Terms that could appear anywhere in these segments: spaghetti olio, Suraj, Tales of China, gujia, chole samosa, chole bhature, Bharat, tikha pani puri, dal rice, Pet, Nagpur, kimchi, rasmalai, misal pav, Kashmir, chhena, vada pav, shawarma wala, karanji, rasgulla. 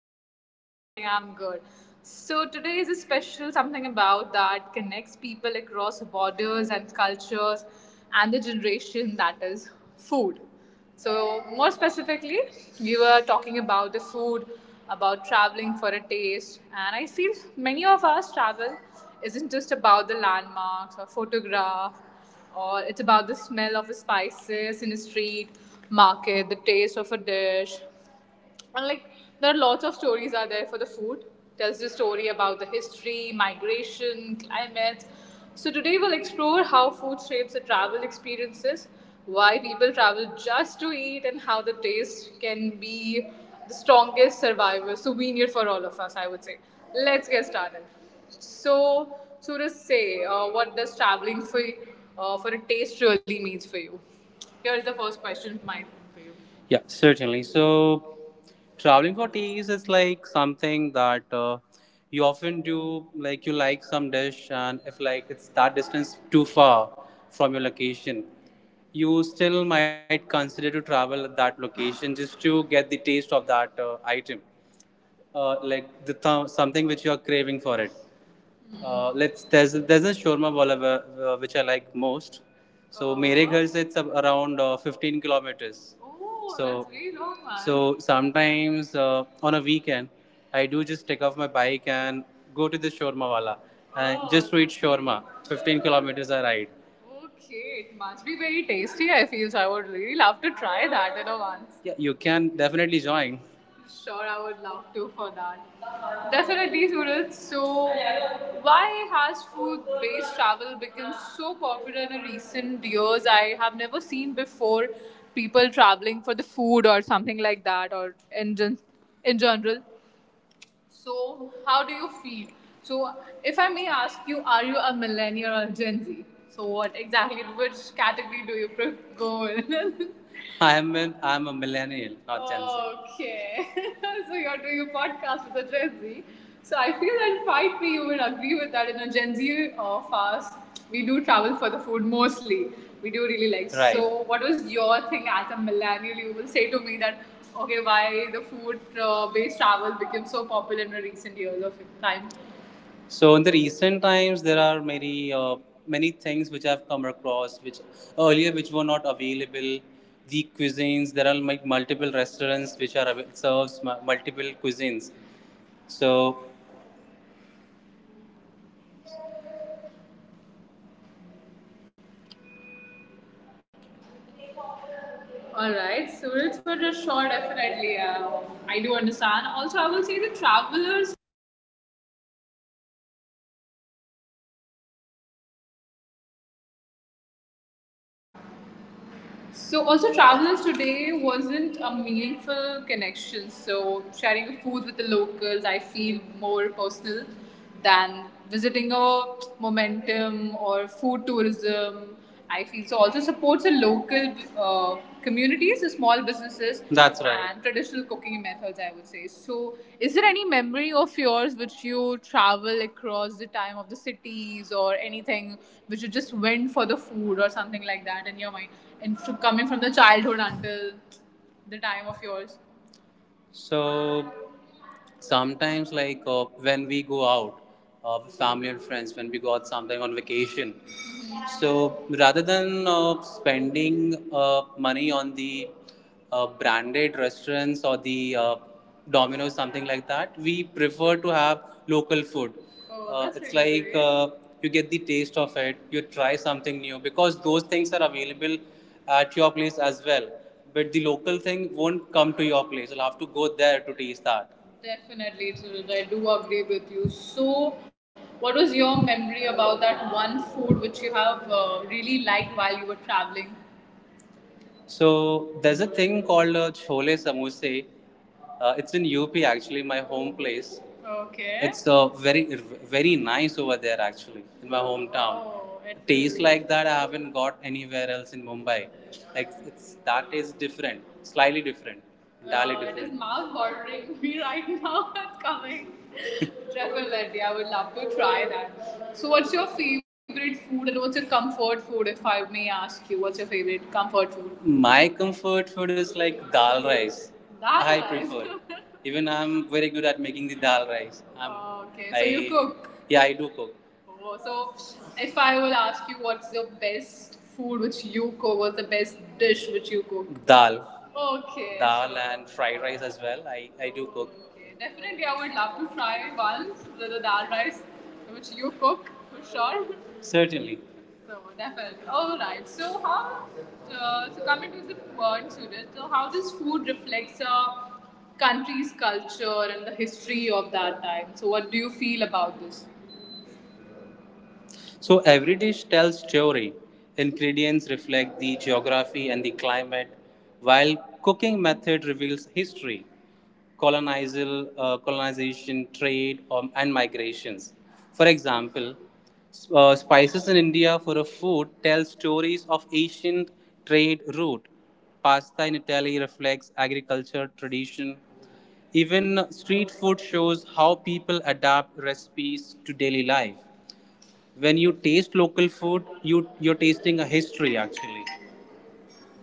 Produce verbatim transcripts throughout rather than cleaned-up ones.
you so much for asking. I'm good. So, today is a special something about that connects people across borders and cultures and the generation that is food. So, more specifically, we were talking about the food, about traveling for a taste, and I feel many of us travel isn't just about the landmarks or photograph, or it's about the smell of the spices in a street market, the taste of a dish, and like there are lots of stories are there for the food tells the story about the history migration climate. So today we'll explore how food shapes the travel experiences, why people travel just to eat, and how the taste can be the strongest survivor souvenir for all of us, I would say. Let's get started. So Suraj, say, uh, what does traveling for uh, for a taste really means for you? Here is the first question my for you. Yeah, certainly. So traveling for taste is like something that uh, you often do, like you like some dish, and if like it's that distance too far from your location, you still might consider to travel at that location just to get the taste of that uh, item, uh, like the th- something which you are craving for it. Uh, let's there's there's a shawarma wala uh, which I like most. So mere ghar se it's around uh, fifteen kilometers. Oh, so that's very long, man. So sometimes uh, on a weekend I do just take off my bike and go to the shawarma wala and oh, just to eat shawarma. fifteen kilometers I ride. Okay, it must be very tasty, I feel. So I would really love to try that, you know, once. Yeah, you can definitely join. Sure, I would love to for that. Definitely, Surat. So, why has food based travel become so popular in recent years? I have never seen before people traveling for the food or something like that, or in, gen- in general. So, how do you feel? So, if I may ask you, are you a millennial or Gen Z? So, what exactly, which category do you pre- go in? I'm an I'm a millennial, not Gen Z. Okay. So you're doing a podcast with a Gen Z. So I feel that fight me, you will agree with that. In a Gen Z. Uh, fast, we do travel for the food mostly. We do really like. Right. So what was your thing as a millennial? You will say to me that okay, why the food uh, based travel became so popular in the recent years of time? So in the recent times, there are many uh, many things which I've come across, which earlier which were not available. The cuisines there are like multiple restaurants which are avail- serves mu- multiple cuisines. So all right, so for sure, definitely. Uh, I do understand. Also, I will say the travelers. So also travelers today wasn't a meaningful connection. So sharing of food with the locals, I feel more personal than visiting a momentum or food tourism. I feel so also supports the local uh, communities is small businesses. That's right. And traditional cooking methods, I would say. So, is there any memory of yours which you travel across the time of the cities or anything which you just went for the food or something like that in your mind, and f- coming from the childhood until the time of yours? So sometimes like uh, when we go out uh, with family and friends when we go out sometime on vacation, so rather than uh, spending uh, money on the uh, branded restaurants or the uh, Domino's something like that, we prefer to have local food. Oh, Uh, that's it's really like great. Uh, you get the taste of it, you try something new because those things are available at your place as well. But the local thing won't come to your place. You'll have to go there to taste that. Definitely, Suraj, I do agree with you. So, what was your memory about that one food which you have uh, really liked while you were traveling? So there's a thing called uh, chole samosa. Uh, it's in U P actually, my home place. Okay. It's uh, very very nice over there actually in my hometown. Oh, it's taste like that I haven't got anywhere else in Mumbai. Like it's that is different, slightly different, entirely. Wow, it is different. Mouth watering me right now. It's coming. Definitely, I would love to try that. So, what's your favorite food and what's your comfort food, if I may ask you? What's your favorite comfort food? My comfort food is like dal rice. Dal I rice prefer. Even I'm very good at making the dal rice. I'm, okay, so I, you cook. Yeah, I do cook. Oh, so, if I will ask you what's your best food which you cook, what's the best dish which you cook? Dal, okay, dal and fried rice as well. I, I do cook. Okay, definitely, I would love to try once the, the dal rice which you cook for sure. Certainly. So definitely. All right. So how? Uh, so coming to the word Surat, so how does food reflects a country's culture and the history of that time? So what do you feel about this? So every dish tells story. Ingredients reflect the geography and the climate, while cooking method reveals history, colonizal, uh, colonization, trade, um, and migrations. For example, s- uh, spices in India for a food tell stories of ancient trade route. Pasta in Italy reflects agriculture tradition. Even street food shows how people adapt recipes to daily life. When you taste local food, you you're tasting a history actually.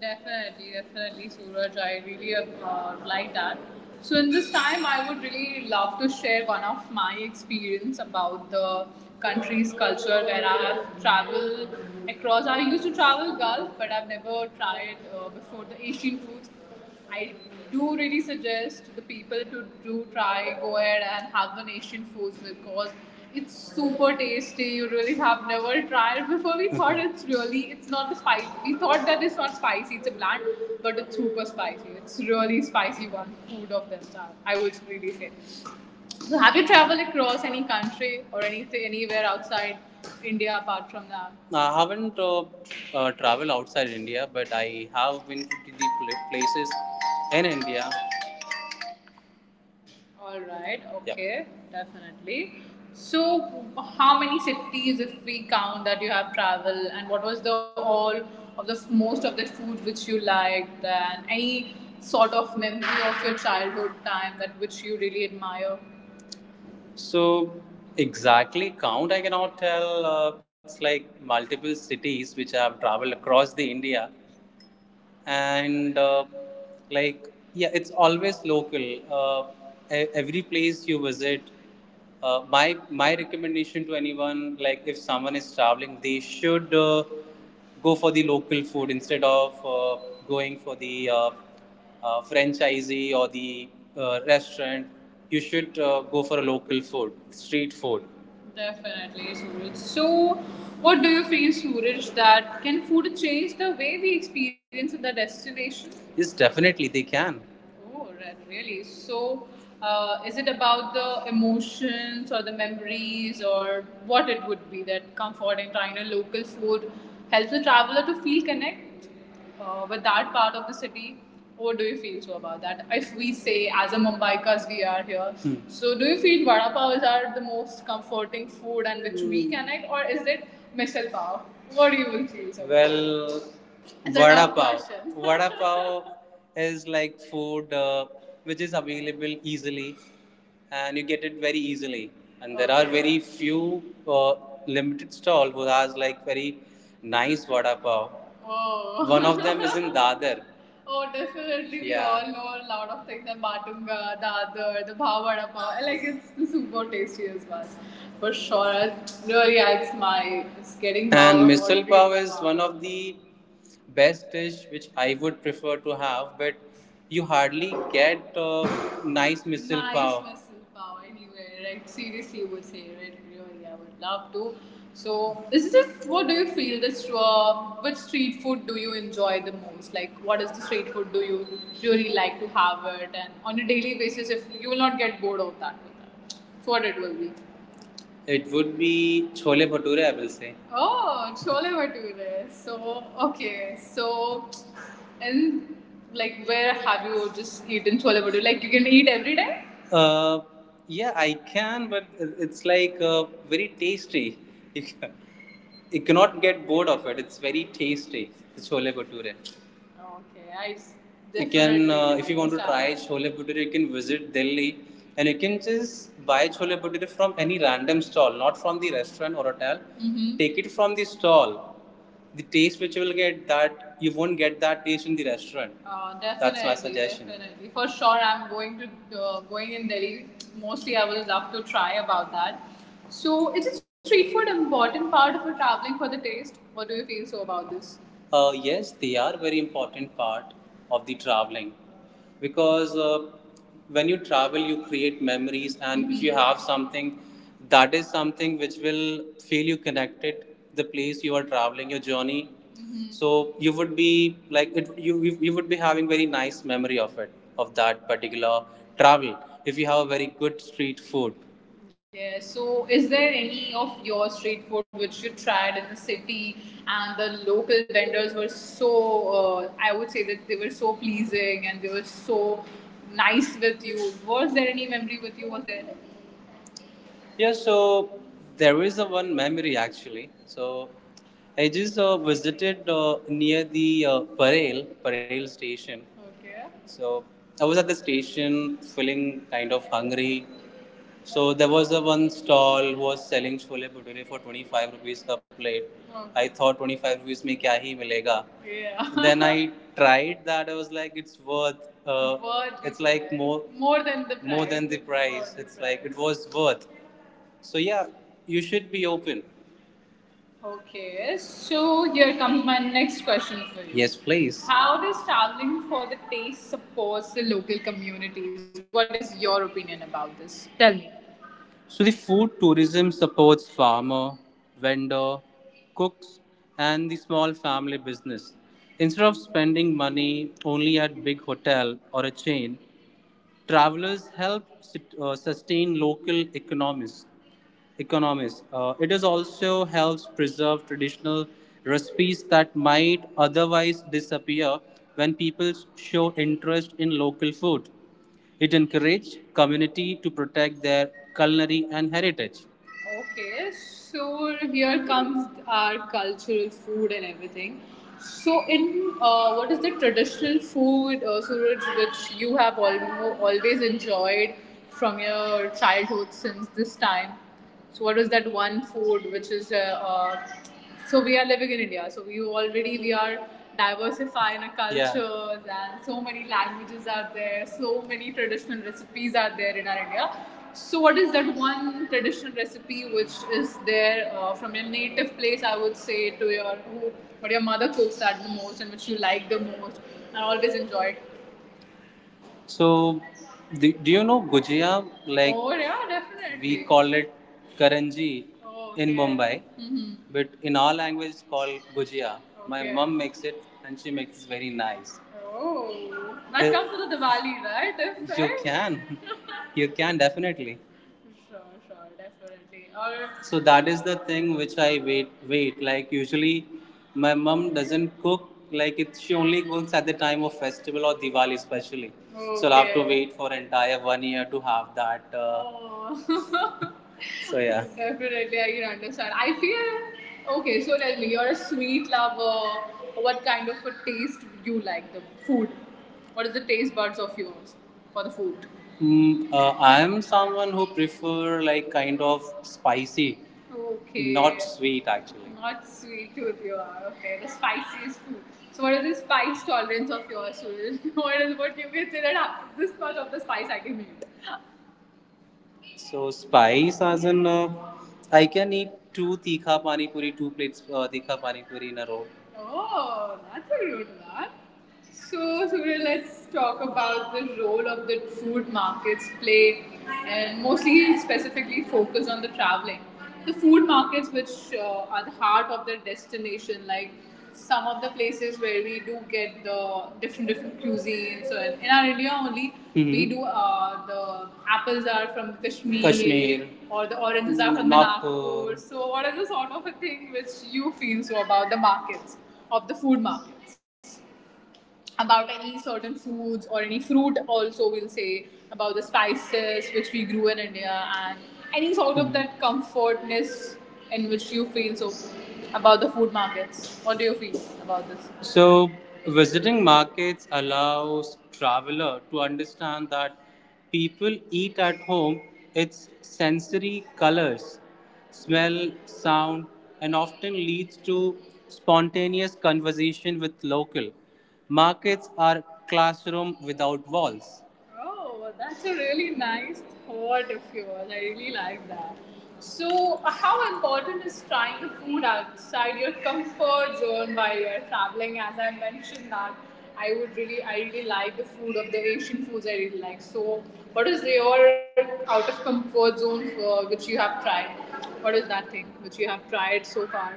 Definitely, definitely, Suraj. I really uh, like that. So, in this time, I would really love to share one of my experience about the country's culture where I have traveled across. I used to travel Gulf, but I've never tried uh, before the Asian foods. I do really suggest the people to do try go ahead and have the Asian foods because it's super tasty. You really have never tried before. We thought it's really it's not the spice. We thought that it's not spicy. It's a bland, but it's super spicy. It's really spicy one food of this time. I would really say. So have you traveled across any country or anything anywhere outside India apart from that? I haven't uh, uh, traveled outside India, but I have been to the places in India. All right, yeah, okay, definitely. So how many cities if we count that you have traveled and what was the all of the most of the food which you liked and any sort of memory of your childhood time that which you really admire? So exactly count I cannot tell. Uh, it's like multiple cities which I have traveled across the India, and uh, like yeah it's always local uh, e- every place you visit. uh, my my recommendation to anyone like if someone is traveling they should uh, go for the local food instead of uh, going for the uh, uh, franchisee or the uh, restaurant. You should uh, go for a local food street food. Definitely, Suraj. So, what do you feel, Suraj, that can food change the way we experience the destination? Yes, definitely they can. Oh, really? So, uh, is it about the emotions or the memories or what it would be that comforting trying a local food helps the traveler to feel connect uh, with that part of the city? What do you feel so about that? If we say, as a Mumbaikas, we are here, hmm, so do you feel vada Pav is are the most comforting food and which we connect, or is it misal pav? What do you feel so about? Well, vada pav. Vada pav is like food uh, which is available easily, and you get it very easily. And there okay are okay very few uh, limited stall who has like very nice vada pav. Oh. One of them is in Dadar. Oh, definitely. Yeah. We yeah all know a lot of things. The Matunga, the other, the Bhav Vada Pav. Like, it's super tasty as well. For sure. No, yeah, it's my. It's getting. And Bhav misal already pav is one of the best dish which I would prefer to have, but you hardly get uh, nice misal nice pav misal pav anywhere, right? Seriously, would say, right? Really. I would love to. So this is just what do you feel? This uh, which street food do you enjoy the most? Like what is the street food do you really like to have it? And on a daily basis, if you will not get bored of that with that, so what it will be. It would be chole bhature, I will say. Oh, chole bhature. So okay, so and like where have you just eaten chole bhature? Like you can eat every day. Uh, yeah, I can, but it's like uh, very tasty. You, ca- you cannot get bored of it. It's very tasty, the chole bhature. Okay, I. s- you can uh, if you want to try chole bhature, you can visit Delhi, and you can just buy chole bhature from any random stall, not from the restaurant or hotel. Mhm. Take it from the stall. The taste which you will get, that you won't get that taste in the restaurant. Uh, that's my suggestion. Definitely. For sure, I'm going to uh, going in Delhi. Mostly, I will love to try about that. So, is it street food an important part of your traveling for the taste? What do you feel so about this? Uh, yes, they are very important part of the traveling, because uh, when you travel, you create memories, and if you have something, that is something which will feel you connected the place you are traveling, your journey. So you would be like it, you, you you would be having very nice memory of it, of that particular travel. If you have a very good street food, yeah, so is there any of your street food which you tried in the city and the local vendors were so, uh, I would say that they were so pleasing and they were so nice with you? Was there any memory with you? Was there? Yeah, so there is a one memory actually. So I just uh, visited uh, near the uh, Parel, Parel station. Okay. So I was at the station feeling kind of hungry. So there was a one stall who was selling chole bhature for twenty-five rupees per plate. Oh. I, okay, thought twenty-five rupees mein kya hi milega. Yeah. Then I tried that. I was like, it's worth, uh, Worth it's like more more than the price. More than the price. More, it's the price. Like it was worth. So yeah, you should be open. Okay, so here comes my next question for you. Yes, please. How does traveling for the taste supports the local communities? What is your opinion about this? Tell me. So the food tourism supports farmer, vendor, cooks, and the small family business. Instead of spending money only at big hotel or a chain, travelers help uh, sustain local economies. Economies. Uh, it is also helps preserve traditional recipes that might otherwise disappear when people show interest in local food. It encourages community to protect their culinary and heritage. Okay, so here comes our cultural food and everything. So, in uh, what is the traditional food, uh, Suraj, which you have almo- always enjoyed from your childhood since this time? So, what is that one food which is uh, uh, so we are living in India. So we already we are diversifying our, yeah, cultures, yeah, and so many languages are there. So many traditional recipes are there in our India. So what is that one traditional recipe which is there uh, from your native place? I would say to your who, what your mother cooks at the most and which you like the most and always enjoyed. So, do, do you know gujia? Like, oh yeah, definitely. We call it karanji. Oh, In okay. Mumbai, hmm, but in our language it's called gujia. My, okay, mum makes it and she makes it very nice. Oh, that, Uh, comes to the Diwali, right? If you, right, can, you can definitely. Sure, sure, definitely. Or so that is the thing which I, wait wait, like, usually my mom doesn't cook like it. She only cooks at the time of festival or Diwali especially, so I'll have to, okay, wait for entire one year to have that uh, Oh. So yeah. Definitely, I can understand. I feel okay. So tell me, you're a sweet lover. What kind of a taste do you like the food? What is the taste buds of yours for the food? Mm, uh, I am someone who prefer like kind of spicy, okay, not sweet actually. Not sweet tooth you are. Okay, the spiciest food. So what is the spice tolerance of yours, Suraj? What is what you can say that, ah, this much of the spice I can eat? So spice as in uh, I can eat two tikha pani puri, two plates uh, tikha pani puri in a row. Oh, that's a rude one. So, Surya, let's talk about the role of the food markets play, and mostly specifically focus on the traveling. The food markets, which uh, are the heart of their destination, like some of the places where we do get the different different cuisines. So in, our India only, mm-hmm, we, mhm, do uh, the apples are from Kashmir, Kashmir, or the oranges are from the Nagpur. Nagpur. So what is the sort of a thing which you feel so about the markets of the food markets? About any certain foods or any fruit also we'll say, about the spices which we grew in India, and any sort of that comfortness in which you feel so about the food markets, what do you feel about this? So, visiting markets allows traveler to understand that people eat at home, its sensory colors, smell, sound, and often leads to spontaneous conversation with local. Markets are classroom without walls. Oh, that's a really nice thought of yours. I really like that. So, how important is trying the food outside your comfort zone while you're traveling? As I mentioned that I would really, I really like the food of the Asian foods. I really like. So, what is your out of comfort zone for which you have tried? What is that thing which you have tried so far?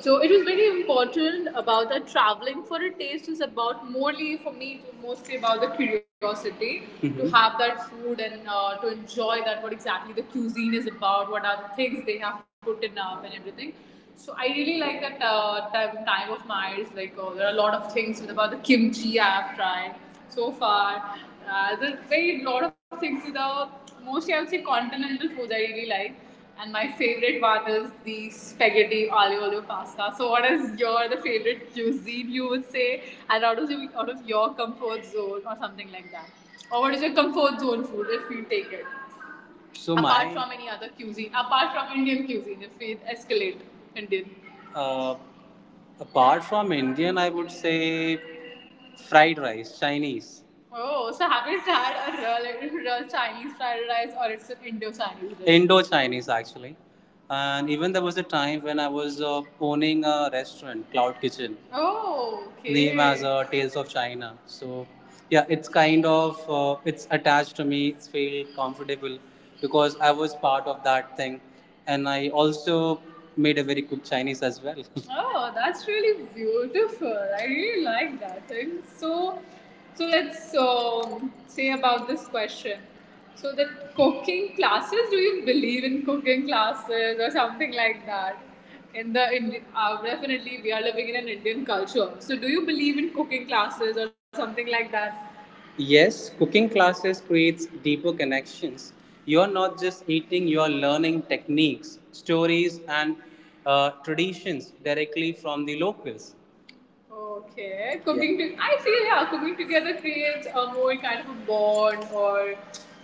So it was very important about that traveling for a taste is about morely, for me it was mostly about the curiosity, mm-hmm, to have that food and uh, to enjoy that what exactly the cuisine is about, what are the things they have put in up and everything. So I really like that uh, time, time of mine. Like uh, there are a lot of things with about the kimchi I have tried so far. Uh, there's very lot of things with the, mostly I would say, continental foods I really like. And my favorite one is the spaghetti olio olio pasta. So, what is your the favorite cuisine you would say, and out of your, out of your comfort zone or something like that? Or what is your comfort zone food if you take it? So apart my from any other cuisine, apart from Indian cuisine, if we escalate Indian. uh, Apart from Indian, I would say fried rice, Chinese. Oh, so have you tried a real, real Chinese fried rice or it's an Indo-Chinese dish? Indo Chinese actually. And even there was a time when I was uh, owning a restaurant, Cloud Kitchen, oh, name as okay. uh, Tales of China. So yeah, it's kind of uh, it's attached to me. It's feel comfortable because I was part of that thing, and I also made a very good Chinese as well. Oh, that's really beautiful. I really like that thing. So, so let's um, say about this question. So the cooking classes, do you believe in cooking classes or something like that? In the Indi- uh, definitely we are living in an Indian culture. So do you believe in cooking classes or something like that? Yes, cooking classes creates deeper connections. You're not just eating, you're learning techniques, stories, and uh, traditions directly from the locals. Okay, cooking to I feel, yeah, cooking together creates a more kind of a bond, or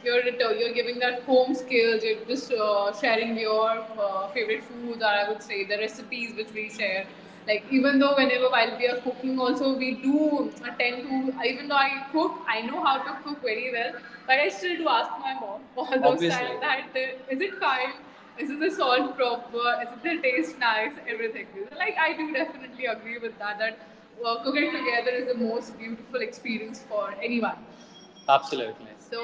you're retur- you're giving that home skills. You're just uh, sharing your uh, favorite foods, or I would say the recipes which we share. Like even though whenever while we are cooking, also we do tend to, even though I cook, I know how to cook very well, but I still do ask my mom all those, obviously, times that uh, is it fine, isn't the salt proper? Isn't the taste nice? Everything. Like I do definitely agree with that. That uh, cooking together is the most beautiful experience for anyone. Absolutely. So,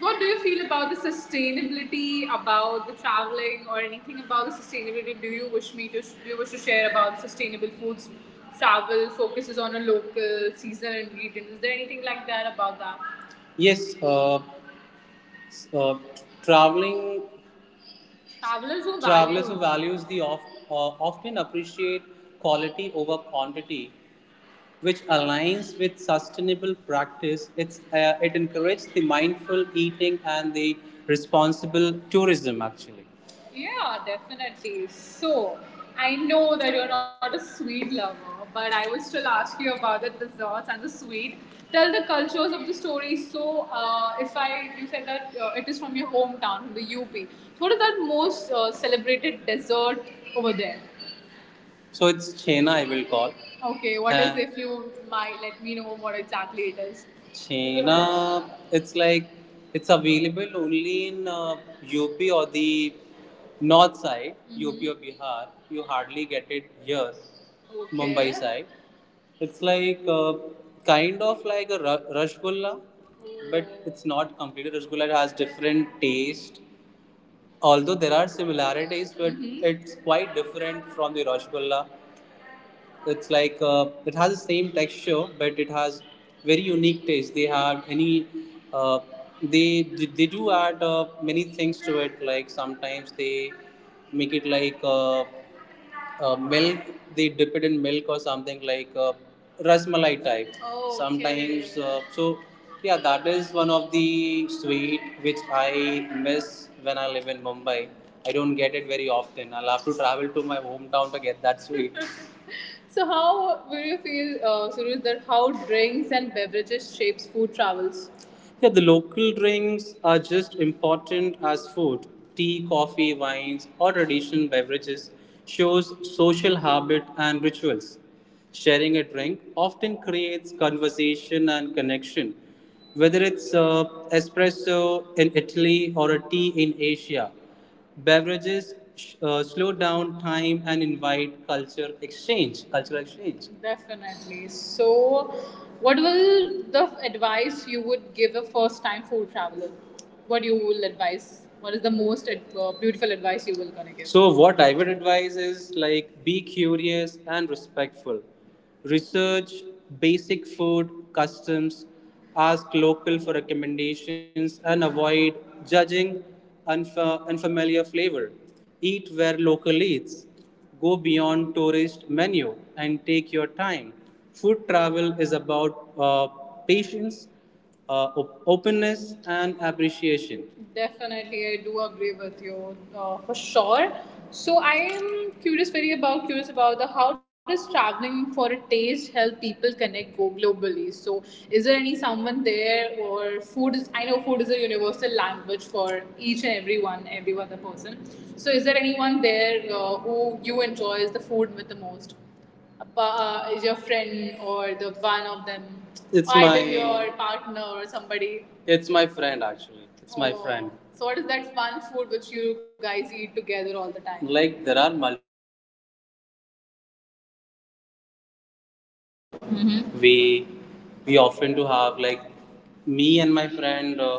what do you feel about the sustainability, about the traveling, or anything about the sustainability? Do you wish me to do you wish to share about sustainable foods? Travel focuses on a local seasonal ingredient. Is there anything like that about that? Yes, uh, uh, traveling, Travelers who Travelers who value values the off, uh, often appreciate quality over quantity, which aligns with sustainable practice. It's, uh, it encourages the mindful eating and the responsible tourism, actually. Yeah, definitely. So, I know that you're not a sweet lover, but I would still ask you about the desserts and the sweet. Tell the cultures of the story. So, uh, if I, you said that uh, it is from your hometown, from the U P. So, what is that most uh, celebrated dessert over there? So it's chhena I will call. Okay, what and is, Uh, if you might let me know what exactly it is? Chhena, it's like it's available only in uh, U P or the north side, U P or Bihar. You hardly get it here, okay, Mumbai side. It's like uh, kind of like a ra- rasgulla, but it's not completely rasgulla. It has different taste. Although there are similarities, but, mm-hmm, it's quite different from the rasgulla. It's like uh, it has the same texture, but it has very unique taste. They have any uh, they they do add uh, many things to it. Like sometimes they make it like uh, uh, milk. They dip it in milk or something like uh, rasmalai type. Oh, okay. Sometimes uh, so yeah, that is one of the sweet which I miss when I live in Mumbai. I don't get it very often. I'll have to travel to my hometown to get that sweet. So how do you feel, uh, Suresh, that how drinks and beverages shapes food travels? Yeah, the local drinks are just important as food. Tea, coffee, wines, or traditional beverages shows social habit and rituals. Sharing a drink often creates conversation and connection. Whether it's uh, espresso in Italy or a tea in Asia, beverages uh, slow down time and invite culture exchange, cultural exchange. Definitely. So, what will the advice you would give a first-time food traveler? What you will advise? What is the most ad- uh, beautiful advice you will gonna give? So what I would advise is like be curious and respectful. Research basic food customs. Ask local for recommendations and avoid judging unfa- unfamiliar flavor. Eat where local eats. Go beyond tourist menu and take your time. Food travel is about uh, patience, uh, op- openness and appreciation. Definitely, I do agree with you uh, for sure. So I am curious, very about curious about the how does traveling for a taste help people connect go globally? So is there any someone there or food is? I know food is a universal language for each and everyone, every other person. So is there anyone there uh, who you enjoys the food with the most? a pa- uh, is your friend or the one of them, it's either my- either your partner or somebody. It's my friend actually. It's my, oh, friend. So what is that one food which you guys eat together all the time? Like there are multiple Mm-hmm. we we often do have, like, me and my friend uh,